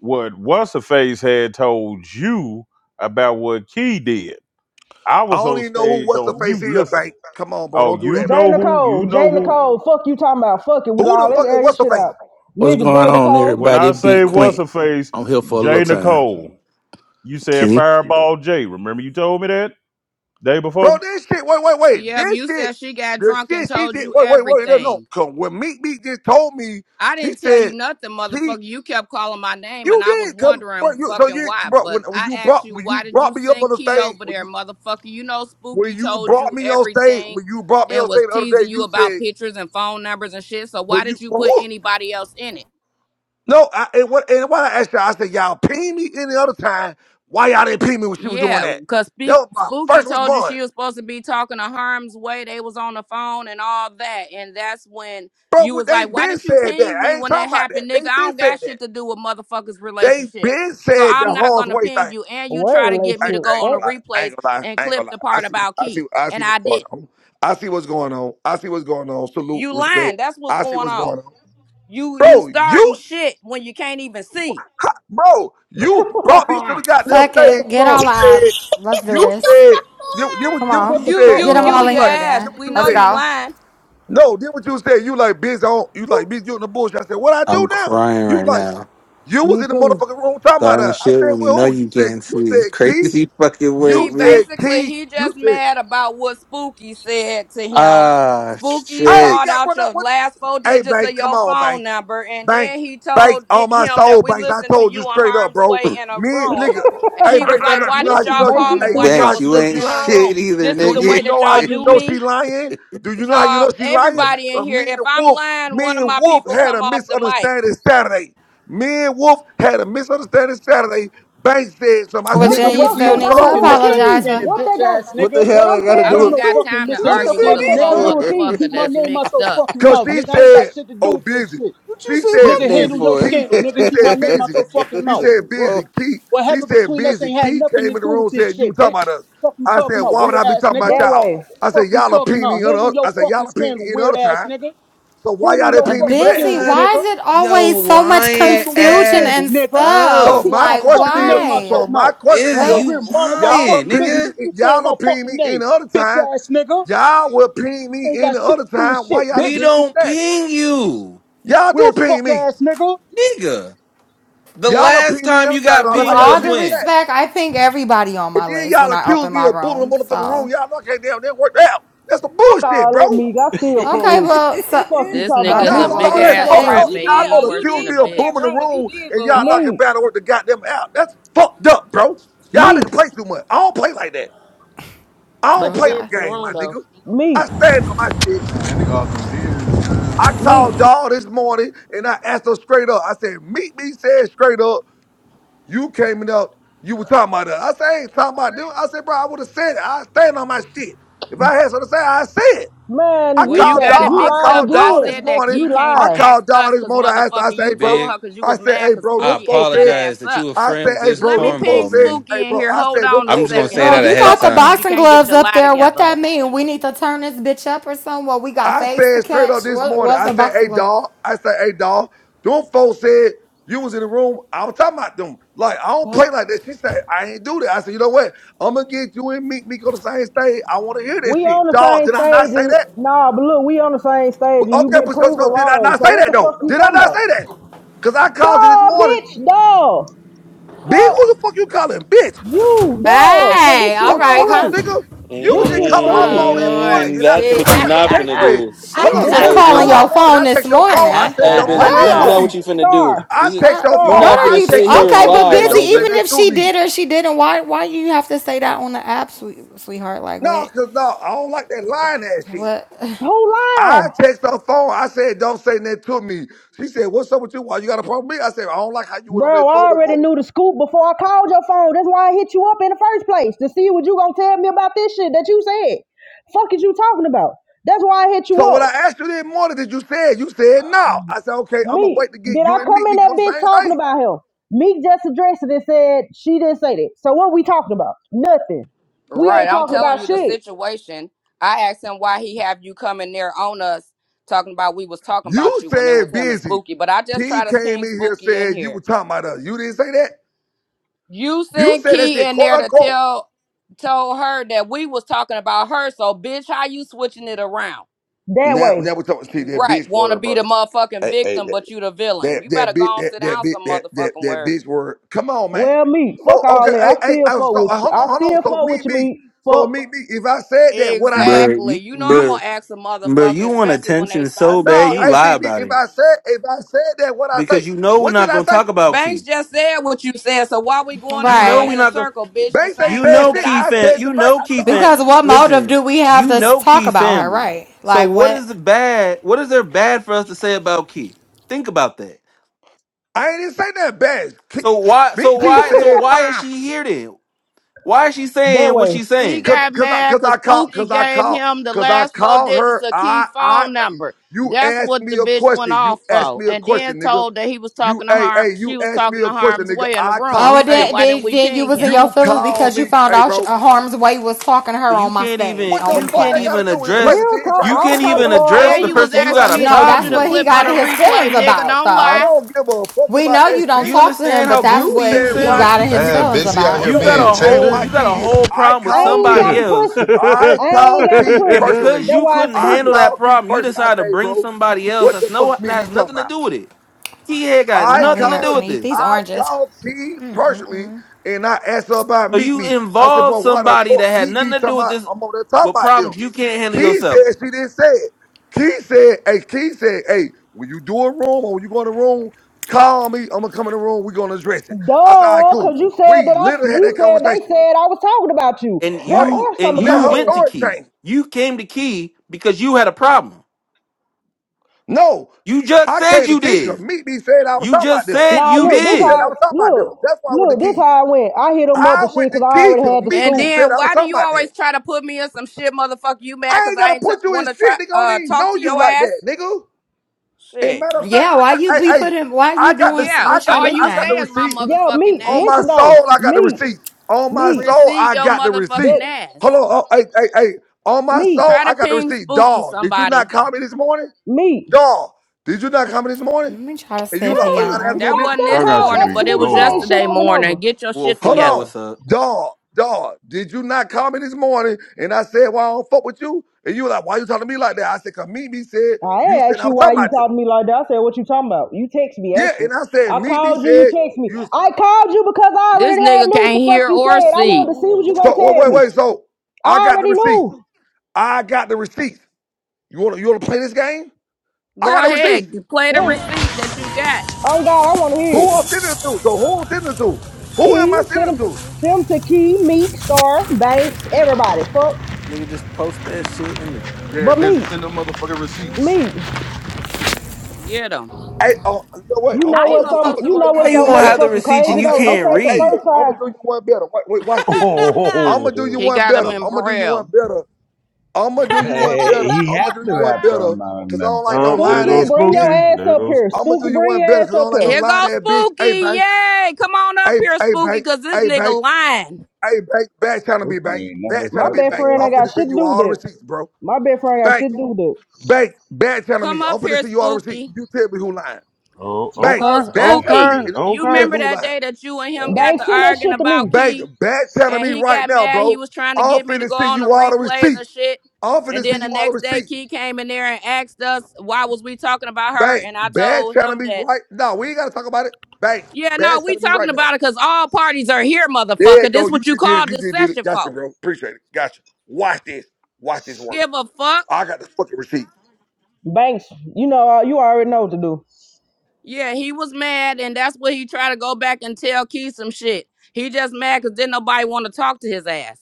Speaker 6: what what's the face had told you about what Key did. I
Speaker 2: I
Speaker 6: was
Speaker 2: don't
Speaker 6: on
Speaker 2: even know who
Speaker 6: stage
Speaker 2: what's the
Speaker 6: on
Speaker 2: face
Speaker 6: mute
Speaker 2: here,
Speaker 6: listening.
Speaker 2: bank. Come on, bro,
Speaker 6: Oh,
Speaker 2: don't do
Speaker 6: you
Speaker 2: that,
Speaker 4: Jay
Speaker 2: bro.
Speaker 6: know who? You
Speaker 4: Nicole.
Speaker 6: know
Speaker 4: Jay
Speaker 6: who?
Speaker 4: Nicole. Fuck you talking about. Fuck it with
Speaker 2: Who the
Speaker 4: all this
Speaker 2: fuck is
Speaker 4: air
Speaker 2: what's
Speaker 4: this
Speaker 2: the
Speaker 4: shit
Speaker 2: face,
Speaker 4: out.
Speaker 1: What's
Speaker 4: Nigga
Speaker 1: going
Speaker 4: Jay
Speaker 1: on,
Speaker 6: When
Speaker 4: Nicole.
Speaker 1: everybody?
Speaker 6: I
Speaker 1: It's Big
Speaker 6: say what's
Speaker 1: Quint.
Speaker 6: a face,
Speaker 1: I'm here for a little
Speaker 6: Jay
Speaker 1: time.
Speaker 6: Nicole. You said
Speaker 7: Dude,
Speaker 6: Fireball Jay. Remember you told me that day
Speaker 2: bro?
Speaker 6: before.
Speaker 2: This shit. Wait, wait, wait.
Speaker 5: Yep,
Speaker 2: This
Speaker 5: you
Speaker 2: shit.
Speaker 5: said she got
Speaker 2: The
Speaker 5: drunk and
Speaker 2: shit she
Speaker 5: told
Speaker 2: did.
Speaker 5: you
Speaker 2: Wait, wait, wait. No, no.
Speaker 5: everything.
Speaker 2: 'Cause When Meek Meek just told me,
Speaker 5: I
Speaker 2: she
Speaker 5: didn't tell you
Speaker 2: said
Speaker 5: nothing,
Speaker 2: she
Speaker 5: motherfucker. You kept calling my name and
Speaker 2: you
Speaker 5: I was
Speaker 2: did come, bro.
Speaker 5: wondering
Speaker 2: You, so
Speaker 5: fucking
Speaker 2: you,
Speaker 5: why.
Speaker 2: bro.
Speaker 5: But
Speaker 2: When, when
Speaker 5: I
Speaker 2: you
Speaker 5: asked
Speaker 2: brought
Speaker 5: you,
Speaker 2: when
Speaker 5: why
Speaker 2: you
Speaker 5: did you
Speaker 2: brought me up on
Speaker 5: send
Speaker 2: the
Speaker 5: Key
Speaker 2: stage,
Speaker 5: over
Speaker 2: when
Speaker 5: there,
Speaker 2: you
Speaker 5: motherfucker? You know
Speaker 2: when
Speaker 5: Spooky
Speaker 2: you
Speaker 5: told
Speaker 2: brought
Speaker 5: you
Speaker 2: me on stage,
Speaker 5: everything
Speaker 2: when you brought me
Speaker 5: and
Speaker 2: on stage
Speaker 5: was
Speaker 2: the other
Speaker 5: teasing
Speaker 2: day,
Speaker 5: you
Speaker 2: you
Speaker 5: about
Speaker 2: said,
Speaker 5: pictures and phone numbers and shit. So why
Speaker 2: "When you
Speaker 5: did you
Speaker 2: well,
Speaker 5: put
Speaker 2: who-
Speaker 5: anybody else in it?
Speaker 2: no." I, and what and what I asked y'all, I said, "Y'all ping me any other time? Why y'all didn't ping me when she was doing
Speaker 5: Yeah,
Speaker 2: that?"
Speaker 5: because
Speaker 2: That was my
Speaker 5: Spooky
Speaker 2: first
Speaker 5: told you
Speaker 2: response,
Speaker 5: she was supposed to be talking to Harm's way. They was on the phone and all that. And that's when
Speaker 2: bro.
Speaker 5: you
Speaker 2: what-
Speaker 5: was
Speaker 2: They
Speaker 5: like, why
Speaker 2: been
Speaker 5: didn't you
Speaker 2: said that.
Speaker 5: ping me
Speaker 2: I ain't
Speaker 5: when it
Speaker 2: talking about that.
Speaker 5: happened, nigga?
Speaker 2: They
Speaker 5: I
Speaker 2: been
Speaker 5: don't
Speaker 2: said
Speaker 5: got
Speaker 2: that.
Speaker 5: shit to do with motherfuckers'
Speaker 2: They
Speaker 5: relationship.
Speaker 2: been
Speaker 5: So
Speaker 2: said
Speaker 5: I'm
Speaker 2: the
Speaker 5: not
Speaker 2: Hans
Speaker 5: going to
Speaker 2: Way
Speaker 5: ping
Speaker 2: thing.
Speaker 5: you. And you
Speaker 4: What
Speaker 5: try to get
Speaker 2: I,
Speaker 5: me
Speaker 2: I
Speaker 5: to
Speaker 4: relationship?
Speaker 2: ain't
Speaker 5: go on
Speaker 2: gonna
Speaker 5: the
Speaker 4: Fuck.
Speaker 2: lie. I
Speaker 5: replays
Speaker 2: ain't gonna lie.
Speaker 5: and
Speaker 2: I ain't
Speaker 5: clip
Speaker 2: gonna lie.
Speaker 5: the
Speaker 2: I
Speaker 5: part
Speaker 2: see. What,
Speaker 5: about
Speaker 2: I see.
Speaker 5: Key.
Speaker 2: I
Speaker 5: And
Speaker 2: see
Speaker 5: I
Speaker 2: what's going
Speaker 5: didn't.
Speaker 2: on. I see what's going on. I see what's going on. Salute,
Speaker 5: You lying.
Speaker 2: respect.
Speaker 5: That's what's
Speaker 2: I see
Speaker 5: going
Speaker 2: what's
Speaker 5: on.
Speaker 2: going on,
Speaker 5: You you
Speaker 2: bro.
Speaker 5: starting
Speaker 2: You.
Speaker 5: shit when you can't even see.
Speaker 2: Ha, bro, you
Speaker 4: what the
Speaker 2: brought me to the goddamn
Speaker 8: Fuck
Speaker 2: stage.
Speaker 8: it. Get all
Speaker 2: You
Speaker 4: fuck?
Speaker 2: said,
Speaker 8: lives. Let's do
Speaker 2: you
Speaker 8: this.
Speaker 2: said, did, did, what,
Speaker 8: Come
Speaker 2: did what
Speaker 8: on.
Speaker 4: What
Speaker 2: you
Speaker 4: the
Speaker 5: You,
Speaker 2: said.
Speaker 8: Get
Speaker 4: fuck,
Speaker 5: you,
Speaker 8: them
Speaker 5: you,
Speaker 4: mother?
Speaker 8: all
Speaker 2: You
Speaker 8: in
Speaker 5: your
Speaker 2: like,
Speaker 8: here
Speaker 5: ass.
Speaker 2: did
Speaker 8: then.
Speaker 2: what
Speaker 5: We
Speaker 2: you
Speaker 5: know
Speaker 8: Let's
Speaker 2: said.
Speaker 5: you
Speaker 8: go.
Speaker 5: lying
Speaker 2: No, did what you said. You like, bitch, on, you like, bitch, you in the bullshit. I said, what I do
Speaker 7: I'm
Speaker 2: now?
Speaker 7: crying
Speaker 2: You
Speaker 7: right
Speaker 2: like,
Speaker 7: now.
Speaker 2: you was
Speaker 4: Me
Speaker 2: in the
Speaker 4: too.
Speaker 2: motherfucking room talking about
Speaker 7: Starting
Speaker 2: that. I
Speaker 7: shit
Speaker 2: said,
Speaker 7: when you
Speaker 2: well,
Speaker 7: know
Speaker 2: who? You
Speaker 7: you
Speaker 2: said,
Speaker 7: can't see
Speaker 2: you
Speaker 7: is
Speaker 2: said, Key.
Speaker 7: crazy fucking work,
Speaker 5: He
Speaker 2: You
Speaker 7: man.
Speaker 2: said,
Speaker 5: basically
Speaker 2: Key.
Speaker 5: he
Speaker 2: You
Speaker 5: just
Speaker 2: said,
Speaker 5: mad about what Spooky said to him.
Speaker 7: Ah,
Speaker 5: Spooky
Speaker 2: I
Speaker 7: shit.
Speaker 2: ain't
Speaker 5: called
Speaker 2: got, bro,
Speaker 5: out
Speaker 2: that
Speaker 5: your
Speaker 2: what?
Speaker 5: last four
Speaker 2: Hey,
Speaker 5: digits
Speaker 2: bang,
Speaker 5: of
Speaker 2: come
Speaker 5: your
Speaker 2: on, bang.
Speaker 5: phone number, and then
Speaker 2: Banks,
Speaker 5: he told
Speaker 2: Banks,
Speaker 5: th-
Speaker 2: on my
Speaker 5: him that
Speaker 2: soul,
Speaker 5: we
Speaker 2: Banks. I
Speaker 5: listened to
Speaker 2: told you
Speaker 5: you in
Speaker 2: straight up,
Speaker 5: harm's
Speaker 2: bro.
Speaker 5: way in a
Speaker 2: Me,
Speaker 5: room.
Speaker 2: nigga.
Speaker 5: And
Speaker 2: Hey,
Speaker 5: he was
Speaker 2: Banks, I
Speaker 5: like,
Speaker 2: know you
Speaker 5: "Why
Speaker 2: know
Speaker 5: didn't
Speaker 2: how she
Speaker 5: y'all
Speaker 2: know.
Speaker 4: They
Speaker 5: call
Speaker 4: you
Speaker 5: me
Speaker 2: Hey,
Speaker 5: while
Speaker 2: you
Speaker 4: stupid.
Speaker 2: know
Speaker 5: y'all
Speaker 2: how
Speaker 7: Banks,
Speaker 5: was
Speaker 2: she
Speaker 7: you
Speaker 2: know she
Speaker 5: listening
Speaker 7: ain't
Speaker 5: in a
Speaker 2: lying?
Speaker 5: room?
Speaker 7: shit either,
Speaker 5: This is
Speaker 2: Do
Speaker 5: the
Speaker 2: you
Speaker 7: nigga.
Speaker 5: way that
Speaker 2: know how
Speaker 5: y'all
Speaker 2: you
Speaker 5: do
Speaker 2: know she
Speaker 5: me."
Speaker 2: lying? Do you know how you
Speaker 5: No,
Speaker 2: know she lying?
Speaker 5: everybody in
Speaker 2: 'Cause me
Speaker 5: here. If
Speaker 2: and
Speaker 5: I'm
Speaker 2: Wolf,
Speaker 5: lying, one
Speaker 2: me
Speaker 5: of
Speaker 2: and
Speaker 5: my
Speaker 2: Wolf
Speaker 5: people
Speaker 2: had
Speaker 5: come
Speaker 2: a
Speaker 5: off the mic.
Speaker 2: misunderstanding Saturday. Me and Wolf had a misunderstanding Saturday. Banks said something. I said,
Speaker 8: Which
Speaker 4: What
Speaker 2: nigga,
Speaker 4: the
Speaker 9: Nigga,
Speaker 8: then
Speaker 2: you
Speaker 8: you
Speaker 2: can
Speaker 4: fuck
Speaker 9: wasn't
Speaker 2: leave
Speaker 8: still
Speaker 9: no
Speaker 4: They
Speaker 2: with
Speaker 8: need
Speaker 4: got
Speaker 2: your
Speaker 4: to
Speaker 8: to
Speaker 9: fucking
Speaker 4: do
Speaker 2: homeboy.
Speaker 4: with
Speaker 8: apologize
Speaker 4: keys?
Speaker 8: for.
Speaker 9: misunderstanding,
Speaker 4: What they
Speaker 9: bitch
Speaker 4: got?
Speaker 9: ass
Speaker 7: what the
Speaker 9: nigga.
Speaker 4: What
Speaker 7: hell I
Speaker 4: I'm
Speaker 7: gotta
Speaker 5: I
Speaker 7: do
Speaker 4: saying
Speaker 9: Wasn't
Speaker 5: don't
Speaker 7: with
Speaker 9: no
Speaker 4: is,
Speaker 5: got
Speaker 7: who,
Speaker 9: fucking
Speaker 5: time to
Speaker 7: what
Speaker 4: what
Speaker 7: you
Speaker 4: the
Speaker 5: argue
Speaker 7: say
Speaker 5: with
Speaker 4: fuck
Speaker 5: a
Speaker 7: me
Speaker 9: misunderstanding,
Speaker 4: they got
Speaker 5: slow
Speaker 4: to
Speaker 9: nigga.
Speaker 4: do with
Speaker 7: for?
Speaker 5: motherfucker
Speaker 9: Keep
Speaker 4: keys?
Speaker 9: my
Speaker 5: that's
Speaker 9: name out
Speaker 5: mixed
Speaker 9: your
Speaker 5: up.
Speaker 9: fucking
Speaker 2: Cause
Speaker 9: mouth,
Speaker 2: she
Speaker 9: nigga. I ain't
Speaker 2: said,
Speaker 9: got shit to do
Speaker 2: "Oh,
Speaker 9: with this
Speaker 2: busy."
Speaker 9: shit.
Speaker 7: what you
Speaker 2: She
Speaker 7: say my
Speaker 2: said,
Speaker 9: Nigga,
Speaker 7: name
Speaker 9: handle
Speaker 2: "Busy."
Speaker 9: your
Speaker 7: for?
Speaker 2: Keith.
Speaker 9: scandal,
Speaker 7: this
Speaker 2: She
Speaker 9: nigga. Keep my
Speaker 2: said,
Speaker 9: name out
Speaker 2: "Busy."
Speaker 9: your fucking
Speaker 2: She
Speaker 9: mouth.
Speaker 2: said,
Speaker 7: nigga,
Speaker 2: "Busy."
Speaker 7: bro.
Speaker 2: Keith.
Speaker 9: What
Speaker 2: She
Speaker 9: happened
Speaker 2: said,
Speaker 9: between us
Speaker 2: "Busy."
Speaker 9: ain't had
Speaker 2: Keith
Speaker 9: nothing
Speaker 2: came
Speaker 9: to
Speaker 2: in the
Speaker 9: do
Speaker 2: room
Speaker 9: with this
Speaker 2: said, "You were
Speaker 9: shit,
Speaker 2: talking
Speaker 9: bitch.
Speaker 2: about us."
Speaker 9: Fuck you
Speaker 2: I said,
Speaker 9: talking about,
Speaker 2: "Why would
Speaker 9: weird
Speaker 2: I be
Speaker 9: ass
Speaker 2: talking
Speaker 9: nigga.
Speaker 2: about
Speaker 4: That
Speaker 2: y'all?"
Speaker 4: way.
Speaker 2: I said,
Speaker 9: Fuck you
Speaker 2: "Y'all are
Speaker 9: talking
Speaker 2: ping me
Speaker 9: about. Handle
Speaker 2: other."
Speaker 9: your
Speaker 2: I said,
Speaker 9: fucking
Speaker 2: "Y'all are ping
Speaker 9: scandal,
Speaker 2: me any
Speaker 9: weird
Speaker 2: other
Speaker 9: ass
Speaker 2: time."
Speaker 9: nigga.
Speaker 2: So why y'all
Speaker 9: Handle
Speaker 2: didn't
Speaker 9: your
Speaker 8: Uh,
Speaker 2: ping me
Speaker 9: fucking
Speaker 2: for that?
Speaker 8: busy.
Speaker 9: scandal,
Speaker 7: Shut
Speaker 8: Why
Speaker 9: nigga.
Speaker 8: is it always
Speaker 7: your
Speaker 8: so much
Speaker 7: lying
Speaker 9: Handle your
Speaker 8: confusion
Speaker 7: ass
Speaker 9: scandal,
Speaker 8: and
Speaker 9: nigga.
Speaker 2: So
Speaker 8: stuff?
Speaker 7: up.
Speaker 9: Keep
Speaker 2: my
Speaker 9: my
Speaker 8: Like,
Speaker 2: question
Speaker 9: fucking
Speaker 2: is,
Speaker 9: name out your
Speaker 2: so
Speaker 8: why?
Speaker 2: my
Speaker 9: mouth.
Speaker 2: question
Speaker 9: I'm
Speaker 7: Busy,
Speaker 2: is,
Speaker 8: What?
Speaker 9: over
Speaker 7: you
Speaker 9: here minding my
Speaker 2: y'all are
Speaker 7: lying,
Speaker 9: fucking
Speaker 2: ping
Speaker 9: business.
Speaker 7: nigga.
Speaker 2: me,
Speaker 9: You saying
Speaker 2: y'all are
Speaker 9: my
Speaker 2: ping
Speaker 9: fucking
Speaker 2: me
Speaker 9: name,
Speaker 2: any other
Speaker 9: bitch
Speaker 2: time.
Speaker 9: ass nigga.
Speaker 2: Y'all will ping me
Speaker 9: Ain't
Speaker 2: any
Speaker 9: got shit
Speaker 2: other
Speaker 9: to do with
Speaker 2: time. Why
Speaker 9: shit,
Speaker 2: y'all didn't
Speaker 7: We
Speaker 9: bitch.
Speaker 2: ping me
Speaker 7: don't
Speaker 2: for that?
Speaker 7: ping you,
Speaker 2: Y'all do
Speaker 9: Weird
Speaker 2: ping
Speaker 9: fuck
Speaker 2: me.
Speaker 9: ass nigga.
Speaker 7: nigga. The
Speaker 2: Y'all have
Speaker 7: last
Speaker 2: ping me
Speaker 7: time
Speaker 2: every
Speaker 7: you
Speaker 2: time.
Speaker 7: got
Speaker 2: Like,
Speaker 8: With
Speaker 2: why
Speaker 7: pinged
Speaker 2: y'all
Speaker 8: all
Speaker 7: was
Speaker 2: have ping me
Speaker 8: due
Speaker 2: for
Speaker 7: when?
Speaker 2: that?
Speaker 8: respect, I ping everybody on
Speaker 2: And
Speaker 8: my
Speaker 2: then
Speaker 8: list
Speaker 2: y'all
Speaker 8: when I
Speaker 2: accuse
Speaker 8: open my
Speaker 2: me of booting the
Speaker 8: room.
Speaker 2: motherfucking room.
Speaker 8: So,
Speaker 2: Y'all know I can't damn near work out. That's some
Speaker 4: Fuck
Speaker 2: bullshit,
Speaker 4: all
Speaker 2: bro.
Speaker 4: that, Meek. I still fuck
Speaker 8: okay,
Speaker 4: with you.
Speaker 8: well, so,
Speaker 4: Fuck you
Speaker 5: This
Speaker 4: talking about,
Speaker 5: nigga's
Speaker 8: okay,
Speaker 5: a
Speaker 4: Meek.
Speaker 2: Nah,
Speaker 4: I
Speaker 8: well,
Speaker 5: big
Speaker 2: start
Speaker 4: still
Speaker 8: it's
Speaker 2: that
Speaker 5: ass
Speaker 4: fuck
Speaker 2: fucked
Speaker 8: a, it,
Speaker 4: with
Speaker 10: Oh,
Speaker 2: up.
Speaker 4: you.
Speaker 10: you
Speaker 5: crybaby.
Speaker 2: Y'all
Speaker 10: did.
Speaker 5: He
Speaker 10: Oh,
Speaker 2: gonna
Speaker 10: you
Speaker 5: worse
Speaker 2: accuse
Speaker 5: than a
Speaker 10: did
Speaker 2: me
Speaker 10: boom
Speaker 2: of
Speaker 10: that
Speaker 2: booming
Speaker 5: bitch.
Speaker 2: the
Speaker 10: wrong. You
Speaker 2: room
Speaker 10: did
Speaker 2: and
Speaker 10: boom
Speaker 2: y'all not
Speaker 10: that.
Speaker 2: gonna
Speaker 4: Meek,
Speaker 2: battle work the goddamn out. That's fucked up, bro. Y'all
Speaker 4: Meek,
Speaker 2: nigga play too much. I don't play like that. I
Speaker 10: But
Speaker 2: don't
Speaker 10: you
Speaker 2: play no
Speaker 10: did
Speaker 8: okay.
Speaker 10: boom it
Speaker 2: game, my
Speaker 10: wrong though.
Speaker 2: nigga. I
Speaker 4: Meek,
Speaker 2: stand on my shit.
Speaker 3: That nigga off them beers.
Speaker 2: I
Speaker 4: Meek.
Speaker 2: called Dawn this morning and I asked her straight up. I said, meet me, said straight up. You came out, you were talking about that. I said, I ain't talking about them. I said, bro, I would have said it. I stand on my shit. If I had something to say, I said it. I
Speaker 4: Man,
Speaker 5: Well,
Speaker 4: you
Speaker 5: you
Speaker 2: called
Speaker 5: got
Speaker 4: capping.
Speaker 2: dog.
Speaker 5: it
Speaker 4: You
Speaker 2: I
Speaker 5: mixed
Speaker 4: lying
Speaker 5: up.
Speaker 2: called
Speaker 5: I
Speaker 2: dog
Speaker 4: again.
Speaker 2: this
Speaker 5: said that
Speaker 2: morning.
Speaker 5: Key
Speaker 4: You
Speaker 5: came
Speaker 2: I
Speaker 5: and
Speaker 4: lying.
Speaker 5: asked
Speaker 2: called dog
Speaker 5: us
Speaker 2: this
Speaker 5: because
Speaker 2: morning. I asked,
Speaker 5: motherfucker,
Speaker 2: I said, hey,
Speaker 5: you
Speaker 2: bro.
Speaker 5: told
Speaker 7: Big,
Speaker 5: her because you
Speaker 2: I
Speaker 5: was
Speaker 2: said,
Speaker 5: mad
Speaker 2: hey,
Speaker 5: because
Speaker 2: bro, them
Speaker 7: I
Speaker 5: Spooky ate
Speaker 2: folks
Speaker 5: that
Speaker 2: said,
Speaker 5: ass
Speaker 7: apologize that you
Speaker 5: up.
Speaker 7: were
Speaker 2: I
Speaker 7: friend
Speaker 2: said,
Speaker 7: with
Speaker 2: hey,
Speaker 7: this
Speaker 5: Let
Speaker 2: bro,
Speaker 5: me
Speaker 2: them
Speaker 5: ping
Speaker 2: folks
Speaker 7: cornball,
Speaker 2: said,
Speaker 7: man.
Speaker 5: Spooky
Speaker 2: hey,
Speaker 5: in
Speaker 2: bro,
Speaker 5: here.
Speaker 2: I
Speaker 5: Hold
Speaker 2: said, them
Speaker 5: on a
Speaker 7: I'm just
Speaker 2: folks
Speaker 7: gonna
Speaker 2: said,
Speaker 5: second,
Speaker 7: say
Speaker 2: I
Speaker 8: Well,
Speaker 2: was
Speaker 7: that
Speaker 8: you
Speaker 2: talking
Speaker 7: ahead of
Speaker 8: got the
Speaker 5: motherfucker,
Speaker 2: about them.
Speaker 5: since you
Speaker 7: time.
Speaker 8: boxing
Speaker 5: can't get
Speaker 8: gloves
Speaker 5: your
Speaker 8: up
Speaker 5: lie
Speaker 8: there. What
Speaker 5: together.
Speaker 8: that mean? We need to turn this bitch up or something? Well, we got
Speaker 2: I
Speaker 8: face to
Speaker 2: said straight up
Speaker 8: catch.
Speaker 2: this
Speaker 8: What
Speaker 2: morning,
Speaker 8: was
Speaker 2: I
Speaker 8: the
Speaker 2: said, hey,
Speaker 8: boxing glove?
Speaker 2: dog, I said, hey, dog, them folks said you was in the room. I was talking about them. Like, I don't
Speaker 8: What?
Speaker 2: play like that. She said, I ain't do that. I said, you know what? I'm going to get you and Meek Meek on the same stage. I want to hear this
Speaker 4: We on
Speaker 2: shit.
Speaker 4: the
Speaker 2: Dog,
Speaker 4: same
Speaker 2: did I not
Speaker 4: stage
Speaker 2: say
Speaker 4: and
Speaker 2: that?
Speaker 4: nah, but look, we on the same stage
Speaker 2: But,
Speaker 4: and you
Speaker 2: okay,
Speaker 4: been
Speaker 2: but so,
Speaker 4: proven
Speaker 2: so did I
Speaker 4: wrong.
Speaker 2: not
Speaker 4: So
Speaker 2: say
Speaker 4: what
Speaker 2: that,
Speaker 4: the
Speaker 2: though?
Speaker 4: fuck you
Speaker 2: Did I
Speaker 4: talking
Speaker 2: not
Speaker 4: about?
Speaker 2: say that? Because I called you this
Speaker 4: Duh,
Speaker 2: morning.
Speaker 4: bitch, duh.
Speaker 2: Bitch,
Speaker 4: Fuck
Speaker 2: who the fuck you calling? Bitch.
Speaker 4: you, duh. Cause this
Speaker 8: Hey,
Speaker 4: shit
Speaker 8: all
Speaker 2: Hold
Speaker 4: is
Speaker 8: right,
Speaker 2: on, hold
Speaker 4: stupid.
Speaker 2: on,
Speaker 8: come.
Speaker 2: nigga. You
Speaker 4: This
Speaker 2: was
Speaker 8: Oh,
Speaker 2: just
Speaker 4: shit is
Speaker 2: calling my
Speaker 4: stupid.
Speaker 8: oh
Speaker 2: phone that morning,
Speaker 8: Lord,
Speaker 7: And
Speaker 2: and I,
Speaker 7: that's
Speaker 2: and
Speaker 8: she
Speaker 7: what
Speaker 2: I
Speaker 7: you
Speaker 2: got the
Speaker 7: not
Speaker 2: text
Speaker 7: finna
Speaker 2: read.
Speaker 7: do.
Speaker 8: she
Speaker 2: Hold
Speaker 8: was
Speaker 2: on,
Speaker 4: Bitch,
Speaker 2: you
Speaker 8: just
Speaker 4: I,
Speaker 2: was
Speaker 7: Hey,
Speaker 2: just calling
Speaker 8: calling
Speaker 2: my
Speaker 7: busy.
Speaker 8: your
Speaker 4: hello,
Speaker 2: morning.
Speaker 8: phone
Speaker 2: I
Speaker 8: this
Speaker 2: checked your phone. I
Speaker 8: morning.
Speaker 2: said,
Speaker 7: Hey,
Speaker 2: don't say
Speaker 7: busy.
Speaker 2: that
Speaker 7: This is
Speaker 2: to
Speaker 7: not
Speaker 4: hello,
Speaker 8: What?
Speaker 2: me.
Speaker 7: what you finna
Speaker 4: star,
Speaker 7: do.
Speaker 2: I
Speaker 7: This is
Speaker 2: text
Speaker 8: Uh,
Speaker 2: your
Speaker 7: you're
Speaker 2: phone.
Speaker 4: star.
Speaker 8: what
Speaker 7: not
Speaker 8: are
Speaker 2: I
Speaker 7: finna
Speaker 8: you? T-
Speaker 2: text
Speaker 7: sit
Speaker 2: your
Speaker 7: here and
Speaker 8: okay,
Speaker 2: phone and
Speaker 8: but
Speaker 7: lie,
Speaker 2: said,
Speaker 7: my
Speaker 8: busy.
Speaker 2: don't say
Speaker 7: nigga.
Speaker 8: Even
Speaker 2: that
Speaker 8: if
Speaker 2: to
Speaker 8: she
Speaker 2: me.
Speaker 8: did or she didn't, why why you have to say that on the app, sweet, sweetheart? Like
Speaker 2: No,
Speaker 8: what?
Speaker 2: cause no, I don't like that lying ass shit.
Speaker 8: What?
Speaker 4: Who lying?
Speaker 2: I text her phone. I said, don't say that to me. She said, what's up with you? Why you got a problem with me? I said, I don't like how you went over there
Speaker 4: Bro,
Speaker 2: and
Speaker 4: I
Speaker 2: told her
Speaker 4: already
Speaker 2: for.
Speaker 4: knew the scoop before I called your phone. That's why I hit you up in the first place to see what you gonna tell me about this shit that you said. Fuck is you talking about? That's why I hit you
Speaker 2: So when I
Speaker 4: up.
Speaker 2: asked you that morning, did you say it? You said no. I said, okay, I'm gonna wait
Speaker 4: Meek,
Speaker 2: to get
Speaker 4: did
Speaker 2: you
Speaker 4: I
Speaker 2: and
Speaker 4: come
Speaker 2: meet
Speaker 4: in
Speaker 2: me
Speaker 4: that
Speaker 2: on the
Speaker 4: bitch
Speaker 2: same
Speaker 4: talking
Speaker 2: thing.
Speaker 4: about him? Meek just addressed it and said she didn't say that. So what we talking about? Nothing. We
Speaker 5: Right,
Speaker 4: ain't
Speaker 5: I'm
Speaker 4: talking
Speaker 5: telling
Speaker 4: about
Speaker 5: you the
Speaker 4: shit
Speaker 5: situation. I asked him why he have you coming there on us talking about we was talking
Speaker 2: You
Speaker 5: about you when it was
Speaker 2: said
Speaker 5: him and
Speaker 2: busy.
Speaker 5: Spooky. But I just
Speaker 2: T
Speaker 5: try to
Speaker 2: came
Speaker 5: ping
Speaker 2: in here
Speaker 5: Spooky in
Speaker 2: saying you were
Speaker 5: here.
Speaker 2: talking about us. You didn't say that.
Speaker 5: You
Speaker 2: You
Speaker 5: sent
Speaker 2: said that
Speaker 5: Key
Speaker 2: shit,
Speaker 5: in
Speaker 2: quote
Speaker 5: there to
Speaker 2: unquote.
Speaker 5: tell told her that we was talking about her. So bitch, how you switching it around?
Speaker 4: that
Speaker 2: Now,
Speaker 4: way.
Speaker 2: now we're talking. See that
Speaker 5: Right.
Speaker 2: bitch
Speaker 5: Wanna
Speaker 2: word,
Speaker 5: be
Speaker 2: bro.
Speaker 5: the motherfucking
Speaker 2: Hey,
Speaker 5: victim,
Speaker 2: hey,
Speaker 5: but you the villain.
Speaker 2: That
Speaker 5: You better
Speaker 2: that bit
Speaker 5: go and
Speaker 2: that
Speaker 5: sit
Speaker 2: that
Speaker 5: down
Speaker 2: bit
Speaker 5: some
Speaker 2: that that
Speaker 5: motherfucking
Speaker 2: that
Speaker 5: where.
Speaker 2: bitch word. Come on, man.
Speaker 4: Well, Meek, fuck
Speaker 2: So
Speaker 4: all
Speaker 2: okay,
Speaker 4: that.
Speaker 2: hey,
Speaker 4: I
Speaker 2: hey,
Speaker 4: still
Speaker 2: I was
Speaker 4: fuck
Speaker 2: so
Speaker 4: with
Speaker 2: uh,
Speaker 4: you.
Speaker 2: hold on,
Speaker 4: I
Speaker 2: hold on.
Speaker 4: still
Speaker 2: So
Speaker 4: fuck with
Speaker 2: meet
Speaker 4: you,
Speaker 2: me.
Speaker 4: Meek.
Speaker 2: So
Speaker 4: Fuck
Speaker 2: meet me. If I said that, what I say?
Speaker 7: But
Speaker 5: Exactly. You know I'm
Speaker 2: You
Speaker 7: but
Speaker 5: gonna ask a
Speaker 7: but
Speaker 5: motherfucker,
Speaker 7: you want
Speaker 5: especially when they
Speaker 7: attention
Speaker 5: start
Speaker 7: so
Speaker 5: some
Speaker 7: bad
Speaker 2: now,
Speaker 7: you
Speaker 5: shit.
Speaker 2: hey,
Speaker 7: lie
Speaker 2: meet me.
Speaker 7: about
Speaker 2: If
Speaker 7: it
Speaker 2: I said if I said that, what I
Speaker 7: because
Speaker 2: say?
Speaker 7: you know we're
Speaker 2: What did
Speaker 7: not
Speaker 2: I
Speaker 7: gonna talk
Speaker 2: say?
Speaker 7: about
Speaker 5: Banks
Speaker 7: Key.
Speaker 5: just said what you said, so why we going
Speaker 7: You know
Speaker 5: around
Speaker 8: Right.
Speaker 7: we're
Speaker 5: in a
Speaker 7: not gonna.
Speaker 5: circle, bitch? The
Speaker 2: Banks ain't
Speaker 7: You
Speaker 5: same
Speaker 2: said
Speaker 5: thing
Speaker 7: know
Speaker 5: that
Speaker 2: shit.
Speaker 7: Key
Speaker 5: I
Speaker 2: I
Speaker 7: fam.
Speaker 5: said.
Speaker 2: said the
Speaker 7: You
Speaker 2: bank.
Speaker 7: know
Speaker 2: I,
Speaker 7: Key
Speaker 2: t-
Speaker 7: fam.
Speaker 8: Because what motive
Speaker 7: Listen,
Speaker 8: do we have
Speaker 7: you
Speaker 8: to
Speaker 7: know
Speaker 8: talk
Speaker 7: Key
Speaker 8: about her,
Speaker 7: family.
Speaker 8: right?
Speaker 7: So
Speaker 8: Like
Speaker 7: what
Speaker 8: what?
Speaker 7: is the bad? What is there bad for us to say about Key? Think about that.
Speaker 2: I, I ain't even say that bad.
Speaker 7: So why? So
Speaker 2: Meet me
Speaker 7: why? So
Speaker 2: said
Speaker 7: why is she here then? Why is she
Speaker 4: that
Speaker 7: saying what
Speaker 4: way.
Speaker 7: she's
Speaker 5: He
Speaker 7: saying?
Speaker 2: cause
Speaker 5: got
Speaker 2: cause I
Speaker 5: mad
Speaker 2: cause
Speaker 5: because
Speaker 2: I called
Speaker 5: Spooky
Speaker 2: cause I
Speaker 5: gave
Speaker 2: called
Speaker 5: him the
Speaker 2: cause I
Speaker 5: last four
Speaker 2: called
Speaker 5: digits
Speaker 2: her.
Speaker 5: of key
Speaker 2: I I
Speaker 5: phone number.
Speaker 2: You
Speaker 5: That's
Speaker 2: asked
Speaker 5: what
Speaker 2: me
Speaker 5: the
Speaker 2: a
Speaker 5: bitch went
Speaker 2: question. You
Speaker 5: off
Speaker 2: asked
Speaker 5: for.
Speaker 2: me a
Speaker 5: And then
Speaker 2: question, nigga.
Speaker 5: told that he was
Speaker 2: You,
Speaker 5: talking to
Speaker 2: hey,
Speaker 5: harm
Speaker 2: hey,
Speaker 5: she
Speaker 2: you
Speaker 5: was
Speaker 2: asked me
Speaker 5: talking to
Speaker 2: a question,
Speaker 5: harm's
Speaker 2: nigga.
Speaker 5: way in the
Speaker 2: I
Speaker 5: room.
Speaker 8: Oh,
Speaker 2: call,
Speaker 5: He
Speaker 8: and
Speaker 5: said,
Speaker 8: then,
Speaker 2: hey,
Speaker 5: Why didn't
Speaker 8: then,
Speaker 5: we
Speaker 8: then you
Speaker 5: ping
Speaker 8: was in
Speaker 5: him?
Speaker 8: your
Speaker 2: you
Speaker 8: feelings
Speaker 2: call
Speaker 8: because you
Speaker 2: me,
Speaker 8: found
Speaker 2: hey,
Speaker 8: out sh-
Speaker 2: bro.
Speaker 8: uh, Harm's Way was talking to
Speaker 7: So
Speaker 8: her
Speaker 7: you
Speaker 8: on my
Speaker 7: can't
Speaker 8: stage
Speaker 7: even.
Speaker 2: What the
Speaker 8: on
Speaker 7: You
Speaker 2: fuck
Speaker 7: can't
Speaker 2: that
Speaker 8: replay.
Speaker 2: got to
Speaker 7: even
Speaker 2: do with this
Speaker 7: address.
Speaker 2: person
Speaker 4: He'll
Speaker 2: team
Speaker 4: talk.
Speaker 7: You
Speaker 2: trainer? I
Speaker 4: I'll
Speaker 7: can't
Speaker 2: don't give
Speaker 4: talk
Speaker 2: a
Speaker 4: the
Speaker 7: even
Speaker 2: fuck.
Speaker 4: hard
Speaker 2: I
Speaker 7: address
Speaker 2: don't
Speaker 5: And
Speaker 4: way.
Speaker 7: the
Speaker 2: give
Speaker 5: you
Speaker 2: a
Speaker 5: was
Speaker 7: person
Speaker 2: fuck
Speaker 7: you got
Speaker 5: asking
Speaker 2: about
Speaker 7: a
Speaker 5: me
Speaker 2: that
Speaker 5: to
Speaker 8: No,
Speaker 2: shit.
Speaker 5: get you
Speaker 8: that's
Speaker 7: problem
Speaker 5: the
Speaker 8: what
Speaker 7: with.
Speaker 8: he
Speaker 5: clip of
Speaker 8: got
Speaker 5: the
Speaker 8: in his
Speaker 5: replay,
Speaker 8: feelings
Speaker 5: nigga.
Speaker 8: about,
Speaker 5: Don't
Speaker 2: I
Speaker 8: though.
Speaker 5: lie.
Speaker 2: don't give a fuck
Speaker 8: We
Speaker 2: about
Speaker 8: know
Speaker 2: that
Speaker 8: you
Speaker 7: Do
Speaker 8: don't
Speaker 7: you
Speaker 2: shit.
Speaker 8: talk to him,
Speaker 7: understand how
Speaker 8: but that's
Speaker 2: You
Speaker 7: goofy
Speaker 8: what
Speaker 7: you
Speaker 2: said
Speaker 8: he
Speaker 2: why
Speaker 7: sound?
Speaker 8: got in
Speaker 2: Key
Speaker 8: his
Speaker 2: here?
Speaker 3: Damn,
Speaker 8: feelings
Speaker 3: busy out
Speaker 8: about.
Speaker 2: No,
Speaker 3: here
Speaker 7: You
Speaker 2: no,
Speaker 7: got
Speaker 3: being
Speaker 2: you
Speaker 7: a
Speaker 2: said
Speaker 7: whole.
Speaker 3: tender.
Speaker 2: why
Speaker 7: You got
Speaker 2: Key
Speaker 7: a
Speaker 2: here?
Speaker 7: whole
Speaker 2: I
Speaker 7: problem with
Speaker 4: I
Speaker 2: call
Speaker 4: ain't
Speaker 2: Key.
Speaker 7: somebody
Speaker 4: got the
Speaker 7: else
Speaker 4: pussy.
Speaker 2: I
Speaker 4: I
Speaker 2: call
Speaker 4: ain't got the
Speaker 2: Key
Speaker 7: And
Speaker 4: pussy.
Speaker 7: because
Speaker 2: personally.
Speaker 4: That's
Speaker 7: you
Speaker 4: why it's
Speaker 7: couldn't
Speaker 2: I
Speaker 7: handle
Speaker 4: stupid.
Speaker 7: that
Speaker 2: call Key
Speaker 7: problem, you
Speaker 2: personally. I
Speaker 7: decided to
Speaker 2: say,
Speaker 7: bring
Speaker 2: bro,
Speaker 7: somebody else
Speaker 2: what
Speaker 7: that's
Speaker 2: the fuck
Speaker 7: no
Speaker 2: you
Speaker 7: that
Speaker 2: mean me
Speaker 7: has
Speaker 2: talking
Speaker 7: nothing to
Speaker 2: about?
Speaker 7: do with it. He had got
Speaker 8: I'm
Speaker 2: I
Speaker 8: over
Speaker 7: nothing to
Speaker 8: here
Speaker 7: do
Speaker 2: called
Speaker 8: finna
Speaker 7: with
Speaker 8: eat these
Speaker 7: this.
Speaker 2: I
Speaker 8: oranges.
Speaker 2: called P personally and I asked her about
Speaker 7: So
Speaker 2: Meet
Speaker 7: you
Speaker 2: Me. I said,
Speaker 7: involved
Speaker 2: bro, why the
Speaker 7: somebody
Speaker 2: fuck
Speaker 7: that had
Speaker 2: Meet Me
Speaker 7: nothing to do
Speaker 2: talking
Speaker 7: with
Speaker 2: about
Speaker 7: this
Speaker 2: I'm over there talking
Speaker 7: with
Speaker 2: about them?
Speaker 7: problems you can't handle
Speaker 2: Key
Speaker 7: yourself.
Speaker 2: said she didn't say it. Key said, hey, Key said, hey, when you do a room or when you go in the room, call me. I'm gonna come in the room, we're gonna address it. I said, all right,
Speaker 4: Duh,
Speaker 2: cool.
Speaker 4: cause you said
Speaker 2: We
Speaker 4: that I,
Speaker 2: literally had
Speaker 4: you
Speaker 2: that
Speaker 4: said they
Speaker 2: conversation.
Speaker 4: said I was talking about you.
Speaker 7: And
Speaker 4: Of
Speaker 2: Right.
Speaker 7: you
Speaker 4: course
Speaker 7: and
Speaker 4: I'ma
Speaker 2: Now
Speaker 4: come
Speaker 7: you
Speaker 2: her
Speaker 7: went
Speaker 4: address
Speaker 7: to
Speaker 4: it.
Speaker 2: story
Speaker 7: Key.
Speaker 2: changed.
Speaker 7: You came to Key because you had a problem.
Speaker 2: No,
Speaker 7: You just
Speaker 2: I
Speaker 7: said
Speaker 2: came to
Speaker 7: you
Speaker 2: Key because
Speaker 7: did.
Speaker 2: Meet Me said I was
Speaker 7: You
Speaker 2: talking about
Speaker 7: just
Speaker 2: them.
Speaker 7: said
Speaker 4: Now
Speaker 7: you
Speaker 4: look,
Speaker 2: Meet Me
Speaker 4: this
Speaker 2: said
Speaker 7: did.
Speaker 2: I
Speaker 4: how
Speaker 2: was talking about them.
Speaker 4: look,
Speaker 2: That's why I went to
Speaker 4: look, this
Speaker 2: Key.
Speaker 4: how I went. I hit them up
Speaker 2: I
Speaker 4: and shit
Speaker 2: went to
Speaker 4: cause I already
Speaker 2: Keisha.
Speaker 4: had the
Speaker 2: Meet
Speaker 5: And
Speaker 4: scoop.
Speaker 2: me
Speaker 5: then
Speaker 2: said I was
Speaker 5: why do
Speaker 2: talking
Speaker 5: you
Speaker 2: about them.
Speaker 5: always try to put me in some shit, motherfucker? You mad
Speaker 2: I
Speaker 5: because
Speaker 2: ain't
Speaker 5: I
Speaker 2: gotta
Speaker 5: ain't t-
Speaker 2: put you in
Speaker 5: want to try
Speaker 2: shit. Nigga don't
Speaker 5: uh
Speaker 2: even
Speaker 5: talk
Speaker 2: know
Speaker 5: to
Speaker 2: you
Speaker 5: your
Speaker 2: like
Speaker 5: ass?
Speaker 2: that, nigga. And
Speaker 5: Shit.
Speaker 2: matter of fact,
Speaker 8: Yeah,
Speaker 2: I
Speaker 8: why you
Speaker 2: got
Speaker 8: be
Speaker 2: hey, hey,
Speaker 8: putting? Why
Speaker 2: I
Speaker 8: you
Speaker 2: got
Speaker 8: doing
Speaker 2: the
Speaker 5: Yeah,
Speaker 2: I got
Speaker 8: mentioning
Speaker 5: all
Speaker 2: the
Speaker 8: Meek
Speaker 2: I
Speaker 5: you
Speaker 2: got the
Speaker 5: say
Speaker 8: name?
Speaker 5: is my
Speaker 2: receipt.
Speaker 4: Yo,
Speaker 5: motherfucking
Speaker 4: meat,
Speaker 2: On
Speaker 5: name.
Speaker 2: my
Speaker 4: listen though.
Speaker 2: soul, I got the
Speaker 4: Meat,
Speaker 2: receipt. On my
Speaker 4: meat,
Speaker 2: soul,
Speaker 5: Receive
Speaker 2: I
Speaker 5: your
Speaker 2: got the receipt.
Speaker 5: motherfucking
Speaker 4: that
Speaker 2: Hold
Speaker 5: ass.
Speaker 2: on, oh, hey, hey, hey. On my
Speaker 4: meat,
Speaker 2: soul,
Speaker 5: Try to
Speaker 2: I got the
Speaker 5: ping
Speaker 2: receipt.
Speaker 5: spooky
Speaker 2: Dog, did you not
Speaker 5: somebody.
Speaker 2: call me this morning?
Speaker 4: meat.
Speaker 2: Dog, did you not call me this morning?
Speaker 8: Let me try to
Speaker 2: And you
Speaker 8: sit
Speaker 2: like, well, you
Speaker 4: Man,
Speaker 2: got an
Speaker 8: here.
Speaker 2: attitude with
Speaker 5: That
Speaker 2: me?
Speaker 4: stop
Speaker 5: wasn't
Speaker 4: that
Speaker 5: this
Speaker 6: I got you
Speaker 4: call
Speaker 5: morning,
Speaker 6: beat.
Speaker 5: but
Speaker 4: asking
Speaker 5: it
Speaker 4: me the
Speaker 5: was
Speaker 6: Hold
Speaker 4: same
Speaker 6: on.
Speaker 4: shit
Speaker 5: yesterday
Speaker 4: over and over.
Speaker 5: morning. Get your shit
Speaker 7: Wolf, we
Speaker 2: Hold
Speaker 7: know
Speaker 5: together.
Speaker 2: on,
Speaker 7: what's up.
Speaker 2: dog, dog. Did you not call me this morning? And I said, "Why I don't fuck with you?" And you were like, "Why you talking to me like that?" I said, "Cause meet me said you
Speaker 4: I
Speaker 2: said
Speaker 4: asked
Speaker 2: I
Speaker 4: you
Speaker 2: was
Speaker 4: why
Speaker 2: talking
Speaker 4: you
Speaker 2: about them."
Speaker 4: called me like that. I said, "What you talking about?" You text me
Speaker 2: Yeah,
Speaker 4: actually.
Speaker 2: and I said,
Speaker 4: I
Speaker 2: "Meet me
Speaker 4: called you. You
Speaker 2: said
Speaker 4: text me.
Speaker 2: you."
Speaker 4: I called you because I
Speaker 5: This
Speaker 4: already had
Speaker 5: nigga
Speaker 4: knew what
Speaker 5: can't
Speaker 4: the fuck
Speaker 5: hear
Speaker 4: you said.
Speaker 5: or
Speaker 4: I
Speaker 5: see.
Speaker 4: wanted to see what you
Speaker 2: So wait,
Speaker 4: gonna tell
Speaker 2: wait,
Speaker 4: me.
Speaker 2: wait. So I
Speaker 4: I
Speaker 2: got the
Speaker 4: already
Speaker 2: receipt.
Speaker 4: knew.
Speaker 2: I got the receipt. You want to you want to play this game? I
Speaker 5: Go
Speaker 2: got the receipt.
Speaker 5: ahead, play the
Speaker 4: What was?
Speaker 5: receipt that you got.
Speaker 4: Oh God, I want to hear.
Speaker 2: Who I'm
Speaker 4: it.
Speaker 2: sending it to? So who I'm sending it to? Who am I
Speaker 4: Key,
Speaker 2: sending
Speaker 4: send
Speaker 2: it
Speaker 4: them,
Speaker 2: to?
Speaker 4: send 'em to Key, Meek, Star, Banks, everybody. Fuck,
Speaker 7: Nigga, just post that shit in the
Speaker 3: Yeah,
Speaker 4: but
Speaker 3: busy. Send
Speaker 4: me,
Speaker 3: them motherfucking receipts.
Speaker 4: me.
Speaker 5: Get him.
Speaker 2: Hey, uh, you know what?
Speaker 4: You
Speaker 2: I'm,
Speaker 4: know
Speaker 10: How
Speaker 2: I'm
Speaker 10: you
Speaker 2: gonna
Speaker 4: what?
Speaker 10: gonna
Speaker 2: do. I'm
Speaker 4: Some,
Speaker 10: post
Speaker 2: gonna,
Speaker 10: them
Speaker 4: you
Speaker 2: I'm
Speaker 4: know
Speaker 2: gonna do
Speaker 7: How
Speaker 4: what?
Speaker 2: you
Speaker 7: you
Speaker 10: motherfuckers
Speaker 4: Some
Speaker 2: one
Speaker 7: gonna have
Speaker 2: better.
Speaker 7: the
Speaker 10: anyway?
Speaker 4: motherfucking
Speaker 7: receipts
Speaker 2: I,
Speaker 4: crazy
Speaker 7: and you
Speaker 2: I,
Speaker 4: though.
Speaker 2: I'm,
Speaker 4: This
Speaker 7: can't
Speaker 2: hey,
Speaker 4: ain't the
Speaker 2: hey,
Speaker 7: read?
Speaker 2: hey,
Speaker 4: first
Speaker 2: I'm gonna
Speaker 4: time.
Speaker 2: do you one better. Wait, wait, watch
Speaker 6: Oh,
Speaker 2: this.
Speaker 6: oh,
Speaker 2: I'ma
Speaker 6: oh,
Speaker 2: do you
Speaker 6: oh,
Speaker 5: He
Speaker 2: one
Speaker 5: got him
Speaker 2: better.
Speaker 5: in
Speaker 6: oh.
Speaker 2: I'ma do you one
Speaker 5: braille.
Speaker 2: better. I'ma do you one
Speaker 11: Hey,
Speaker 2: better.
Speaker 11: he
Speaker 2: I'ma do
Speaker 11: happy
Speaker 2: you one
Speaker 11: rapped on
Speaker 2: better.
Speaker 11: my
Speaker 2: Cause I don't like
Speaker 6: oh.
Speaker 2: no
Speaker 11: remember.
Speaker 6: Up there
Speaker 2: lying
Speaker 6: goes
Speaker 4: Spooky,
Speaker 2: ass
Speaker 4: bring your
Speaker 2: bitch.
Speaker 6: Spooky.
Speaker 4: ass
Speaker 6: There
Speaker 4: up
Speaker 6: goes
Speaker 4: here.
Speaker 2: I'ma do
Speaker 4: Spooky,
Speaker 2: you
Speaker 4: bring
Speaker 2: one
Speaker 4: your
Speaker 2: better.
Speaker 4: ass
Speaker 2: Cause I
Speaker 4: up
Speaker 2: don't like
Speaker 4: here.
Speaker 2: no
Speaker 5: Here
Speaker 2: lying
Speaker 5: goes
Speaker 2: ass bitch. Hey
Speaker 5: Spooky.
Speaker 2: bank.
Speaker 5: Yay! Come on up
Speaker 2: Hey,
Speaker 5: here,
Speaker 2: hey
Speaker 5: Spooky,
Speaker 2: bank.
Speaker 5: cause this
Speaker 2: Hey bank.
Speaker 5: nigga lying.
Speaker 2: Hey bank. Bad trying to be bank.
Speaker 11: Spooky ain't never
Speaker 2: Bad trying
Speaker 4: My
Speaker 2: to be
Speaker 11: felt so
Speaker 4: best
Speaker 2: bank.
Speaker 4: friend,
Speaker 2: I'm
Speaker 11: lonely.
Speaker 4: I got
Speaker 2: finna
Speaker 4: shit
Speaker 2: send
Speaker 4: to
Speaker 2: you
Speaker 4: do with
Speaker 2: all the
Speaker 4: it.
Speaker 2: receipts, bro.
Speaker 4: My best friend got
Speaker 2: Bank.
Speaker 4: shit to do with that.
Speaker 2: Bank. Bad trying to
Speaker 5: Come
Speaker 2: me.
Speaker 5: up
Speaker 2: I'm finna
Speaker 5: here,
Speaker 2: send you all the receipts.
Speaker 5: Spooky.
Speaker 2: You tell me who lying.
Speaker 6: Oh,
Speaker 2: Bank.
Speaker 5: So
Speaker 6: okay,
Speaker 2: Bad trying to
Speaker 11: Okay,
Speaker 2: me.
Speaker 5: Spooky,
Speaker 2: You
Speaker 5: you
Speaker 6: okay,
Speaker 2: tell me
Speaker 5: remember
Speaker 2: who
Speaker 5: that
Speaker 2: lying.
Speaker 5: day that you and him
Speaker 11: okay.
Speaker 5: got
Speaker 4: Banks,
Speaker 5: to
Speaker 4: send that
Speaker 5: arguing
Speaker 4: shit to
Speaker 5: about
Speaker 4: me.
Speaker 2: Bank.
Speaker 5: Key?
Speaker 2: Bad trying to
Speaker 5: and
Speaker 2: me
Speaker 5: he
Speaker 2: right
Speaker 5: got
Speaker 2: now,
Speaker 5: mad. He
Speaker 2: bro.
Speaker 5: was trying to
Speaker 2: I'm
Speaker 5: get me to
Speaker 2: finna
Speaker 5: go
Speaker 2: send
Speaker 5: on the
Speaker 2: you all the
Speaker 5: replays and
Speaker 2: receipts.
Speaker 5: shit.
Speaker 2: I'm
Speaker 5: And
Speaker 2: finna
Speaker 5: then
Speaker 2: send
Speaker 5: the
Speaker 2: you all the
Speaker 5: next day,
Speaker 2: receipts.
Speaker 5: Key came in there and asked us why was we talking about her,
Speaker 2: Bank,
Speaker 5: and I
Speaker 2: bad
Speaker 5: told
Speaker 2: telling
Speaker 5: him
Speaker 2: me
Speaker 5: that
Speaker 2: right now. We ain't gotta talk about it. Bank,
Speaker 5: yeah, no,
Speaker 2: bad
Speaker 5: we
Speaker 2: telling me
Speaker 5: talking
Speaker 2: right now.
Speaker 5: about it because all parties are here,
Speaker 2: There you
Speaker 5: motherfucker.
Speaker 2: go.
Speaker 5: This
Speaker 2: You
Speaker 5: what you
Speaker 2: did, did
Speaker 5: call
Speaker 2: it. You
Speaker 5: this
Speaker 2: did, did it.
Speaker 5: session
Speaker 2: Gotcha,
Speaker 5: for?
Speaker 2: bro. Appreciate it. Gotcha. Watch this. Watch this work.
Speaker 5: Give a fuck?
Speaker 2: I got the fucking receipt.
Speaker 4: Banks, you know, uh, you already know what to do.
Speaker 5: Yeah, he was mad, and that's what he tried to go back and tell Key some shit. He just mad because didn't nobody want to talk to his ass.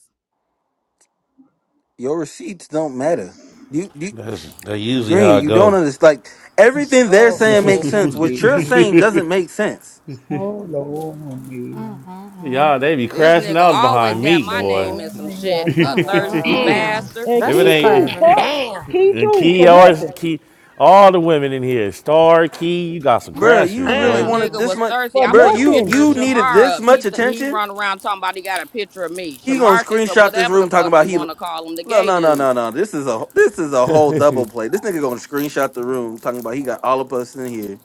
Speaker 7: Your receipts don't matter. You, you
Speaker 12: That's that usually how
Speaker 7: Green,
Speaker 12: I
Speaker 7: you don't
Speaker 12: go.
Speaker 7: understand. Like everything they're
Speaker 11: So
Speaker 7: saying makes sense. What you're
Speaker 11: lonely,
Speaker 7: saying doesn't make sense,
Speaker 11: so lonely.
Speaker 12: Y'all, they be
Speaker 5: This
Speaker 12: crashing
Speaker 5: nigga
Speaker 12: out
Speaker 5: always
Speaker 12: behind
Speaker 11: I'm
Speaker 5: got
Speaker 12: Meek,
Speaker 5: my
Speaker 11: so
Speaker 12: boy.
Speaker 5: name in some
Speaker 11: lonely I
Speaker 5: shit.
Speaker 11: could
Speaker 5: A thirsty
Speaker 12: if
Speaker 11: cry.
Speaker 10: Damn.
Speaker 5: bastard.
Speaker 4: And
Speaker 8: This
Speaker 12: it
Speaker 4: Key
Speaker 8: is
Speaker 4: too,
Speaker 12: ain't
Speaker 8: crazy.
Speaker 4: fuck.
Speaker 10: Damn.
Speaker 4: Key
Speaker 12: and
Speaker 4: too,
Speaker 12: Key,
Speaker 4: for
Speaker 12: always
Speaker 4: nothing.
Speaker 12: Key, all the women in here, Star Key, you got some
Speaker 7: Bruh,
Speaker 12: crashers,
Speaker 7: You really
Speaker 12: boy.
Speaker 10: Damn.
Speaker 7: wanted
Speaker 5: Nigga
Speaker 7: this
Speaker 5: was
Speaker 7: much,
Speaker 5: thirsty.
Speaker 4: For
Speaker 5: I
Speaker 7: Bruh,
Speaker 5: put a
Speaker 7: You
Speaker 4: nothing.
Speaker 5: picture of
Speaker 7: you needed
Speaker 5: Shamar
Speaker 7: this
Speaker 5: up. He
Speaker 7: much
Speaker 5: th- he
Speaker 7: attention.
Speaker 5: run around talking about he got a picture of me,
Speaker 7: He gonna
Speaker 5: Shamarcus or
Speaker 7: screenshot this
Speaker 5: whatever the
Speaker 7: room talking
Speaker 5: fuck
Speaker 7: about
Speaker 5: you
Speaker 7: he.
Speaker 5: want to call him, the
Speaker 7: No,
Speaker 5: gay
Speaker 7: no, no,
Speaker 5: dude.
Speaker 7: no, no. This is a this is a whole double play. This nigga gonna screenshot the room talking about he got all of us in here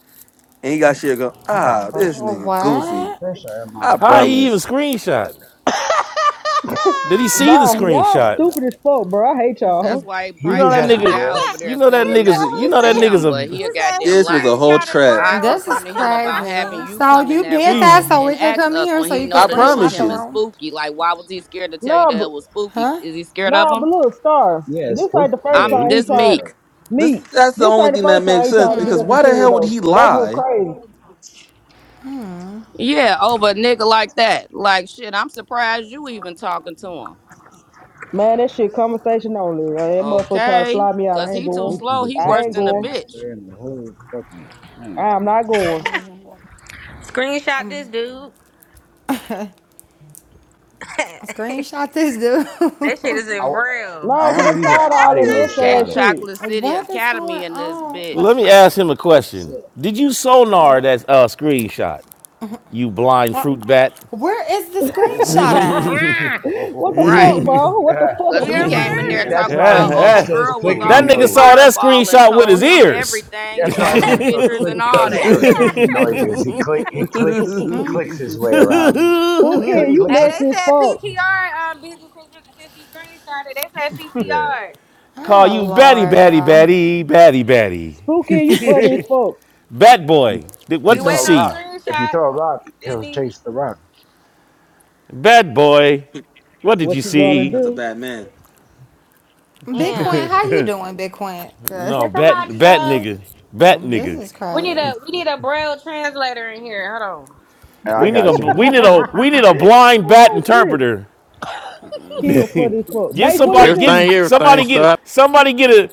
Speaker 7: and he got shit go.
Speaker 11: I got
Speaker 7: Ah, this
Speaker 11: pressure.
Speaker 7: nigga
Speaker 11: I
Speaker 7: goofy.
Speaker 11: got
Speaker 8: What?
Speaker 11: pressure in my
Speaker 7: I
Speaker 12: How
Speaker 11: home.
Speaker 12: he even
Speaker 7: promise.
Speaker 12: screenshot? Did he see the
Speaker 4: Bye. Y'all
Speaker 12: screenshot?
Speaker 4: stupid as fuck, bro. I hate
Speaker 5: That's
Speaker 4: y'all.
Speaker 5: why he
Speaker 12: You
Speaker 11: He
Speaker 5: probably
Speaker 12: know
Speaker 11: just
Speaker 12: that
Speaker 5: got
Speaker 11: had to
Speaker 5: his
Speaker 12: nigga.
Speaker 5: guy over
Speaker 11: guess.
Speaker 12: You
Speaker 5: there
Speaker 12: know that
Speaker 5: sending the
Speaker 12: nigga's. You
Speaker 10: Who
Speaker 5: messages
Speaker 12: know
Speaker 5: to
Speaker 12: that
Speaker 10: said?
Speaker 12: nigga's
Speaker 5: him, but he
Speaker 12: a.
Speaker 5: a goddamn
Speaker 7: This was
Speaker 5: lie.
Speaker 7: a whole trap.
Speaker 5: I
Speaker 8: This is
Speaker 5: confronted him about having
Speaker 8: crazy.
Speaker 5: you
Speaker 8: So
Speaker 5: come in
Speaker 8: you
Speaker 5: that
Speaker 8: did
Speaker 12: He.
Speaker 8: that
Speaker 5: room
Speaker 8: so
Speaker 5: and
Speaker 8: we could
Speaker 5: ask
Speaker 8: come in
Speaker 5: us
Speaker 8: here
Speaker 5: when
Speaker 8: so
Speaker 5: he
Speaker 8: you could
Speaker 5: know
Speaker 7: I
Speaker 5: that it was
Speaker 8: screenshot
Speaker 7: promise
Speaker 8: the
Speaker 5: him and
Speaker 7: you.
Speaker 8: room,
Speaker 5: Spooky. Like, why was he scared to tell you
Speaker 4: Nah,
Speaker 5: that
Speaker 4: bro.
Speaker 5: it was Spooky?
Speaker 8: huh?
Speaker 5: Is he scared of
Speaker 4: Nah, but
Speaker 5: him?
Speaker 4: look, Star.
Speaker 11: Yeah,
Speaker 4: This ain't
Speaker 11: Spooky.
Speaker 4: the first
Speaker 11: Yeah,
Speaker 5: I'm
Speaker 11: he
Speaker 4: time he
Speaker 11: was
Speaker 5: this
Speaker 11: scared
Speaker 4: tried
Speaker 5: meek.
Speaker 11: of
Speaker 4: me.
Speaker 7: This that's the
Speaker 4: This
Speaker 7: only
Speaker 4: ain't the
Speaker 7: thing that
Speaker 4: first time
Speaker 7: makes
Speaker 4: he
Speaker 7: sense
Speaker 4: tried to get
Speaker 7: because
Speaker 4: us
Speaker 7: why the
Speaker 4: into it,
Speaker 7: hell would
Speaker 4: though.
Speaker 7: he
Speaker 4: That's what's
Speaker 7: lie?
Speaker 4: crazy.
Speaker 5: Yeah, over a nigga like that. Like, shit, I'm surprised you even talking to him.
Speaker 4: Man, that shit conversation only. Uh, that motherfucker tried to
Speaker 5: Okay.
Speaker 4: fly me out.
Speaker 5: Cause
Speaker 4: I ain't
Speaker 5: he too
Speaker 4: going.
Speaker 11: Spooky,
Speaker 5: slow.
Speaker 11: the
Speaker 5: He
Speaker 4: I
Speaker 5: worse
Speaker 4: ain't
Speaker 11: toughest
Speaker 5: than a
Speaker 4: going.
Speaker 5: bitch.
Speaker 11: gangster in the whole fucking man.
Speaker 4: I am not going.
Speaker 8: Oh,
Speaker 10: Screenshot this dude. that
Speaker 8: screenshot this dude.
Speaker 10: shit is
Speaker 11: I,
Speaker 10: in braille.
Speaker 11: I
Speaker 4: Nah, cause
Speaker 11: wonder
Speaker 4: I'm
Speaker 11: if you can
Speaker 4: tired of all that
Speaker 11: audio
Speaker 4: mess
Speaker 5: Okay,
Speaker 11: shot
Speaker 4: ass shit.
Speaker 5: Chocolate City
Speaker 8: what is
Speaker 5: Academy
Speaker 8: going
Speaker 5: in this
Speaker 8: on?
Speaker 12: Let
Speaker 5: bitch.
Speaker 12: me
Speaker 8: What,
Speaker 12: ask him a question.
Speaker 11: it.
Speaker 12: Did you sonar
Speaker 8: what,
Speaker 12: that uh, screenshot? You blind fruit
Speaker 8: what,
Speaker 12: bat.
Speaker 8: where is the screenshot at?
Speaker 4: What the
Speaker 5: Right.
Speaker 4: fuck, bro? What the
Speaker 11: Uh,
Speaker 5: Cause
Speaker 4: fuck?
Speaker 5: he
Speaker 10: yeah,
Speaker 5: came in
Speaker 10: where is
Speaker 11: he,
Speaker 5: there
Speaker 10: it?
Speaker 11: that's
Speaker 5: talking
Speaker 11: why he
Speaker 5: about
Speaker 12: Yeah,
Speaker 11: makes
Speaker 5: old
Speaker 12: eh.
Speaker 11: those
Speaker 5: girl was
Speaker 12: That
Speaker 11: clicking
Speaker 5: off some
Speaker 12: nigga saw
Speaker 6: okay.
Speaker 12: that
Speaker 11: noises.
Speaker 5: fireball and
Speaker 12: screenshot with his
Speaker 5: told him
Speaker 12: ears.
Speaker 5: everything,
Speaker 11: That's why he
Speaker 5: showed him
Speaker 11: makes those
Speaker 5: pictures
Speaker 11: click
Speaker 5: and all
Speaker 11: those
Speaker 5: that.
Speaker 11: those clicking noises. He click he clicks he clicks his way around. Click
Speaker 4: Spooky,
Speaker 11: click
Speaker 4: you
Speaker 11: click
Speaker 10: Hey,
Speaker 11: click.
Speaker 10: they
Speaker 4: messy as
Speaker 10: said
Speaker 4: fuck.
Speaker 10: PTR um busy since you since you screenshot it. They said
Speaker 11: Yeah.
Speaker 10: PTR.
Speaker 12: Call
Speaker 8: Oh
Speaker 12: you batty,
Speaker 8: Lord,
Speaker 12: batty,
Speaker 8: y'all.
Speaker 12: batty, batty, batty.
Speaker 4: Spooky, you funny as fuck.
Speaker 12: Bat boy. Did-
Speaker 11: If
Speaker 10: We
Speaker 12: What
Speaker 11: you
Speaker 12: did
Speaker 11: throw
Speaker 12: you
Speaker 11: a
Speaker 10: waiting on the
Speaker 11: rock,
Speaker 12: see?
Speaker 11: if you
Speaker 10: screenshot.
Speaker 11: throw a rock, he'll
Speaker 10: Busy.
Speaker 11: chase the rock.
Speaker 12: Bat boy. What did you
Speaker 4: What you gonna
Speaker 12: see?
Speaker 7: That's a
Speaker 4: do?
Speaker 7: bad man.
Speaker 10: Damn.
Speaker 8: Bitcoin, how you doing, Bitcoin? 'Cause,
Speaker 12: No,
Speaker 10: Can somebody
Speaker 12: bat, bat
Speaker 10: uh
Speaker 12: nigga, bat
Speaker 8: um, this
Speaker 12: nigga.
Speaker 8: is
Speaker 10: We need
Speaker 8: crazy.
Speaker 10: a we need a braille translator in here. Hold on.
Speaker 11: Yeah, I
Speaker 12: We need a,
Speaker 11: got you.
Speaker 12: we need a, we need a blind bat
Speaker 4: oh shit.
Speaker 12: interpreter.
Speaker 4: Kill funny as fuck.
Speaker 12: Get
Speaker 4: Bates, what he
Speaker 12: somebody,
Speaker 4: say
Speaker 12: get
Speaker 4: you?
Speaker 1: Everything,
Speaker 12: somebody,
Speaker 1: everything.
Speaker 12: get somebody, get a,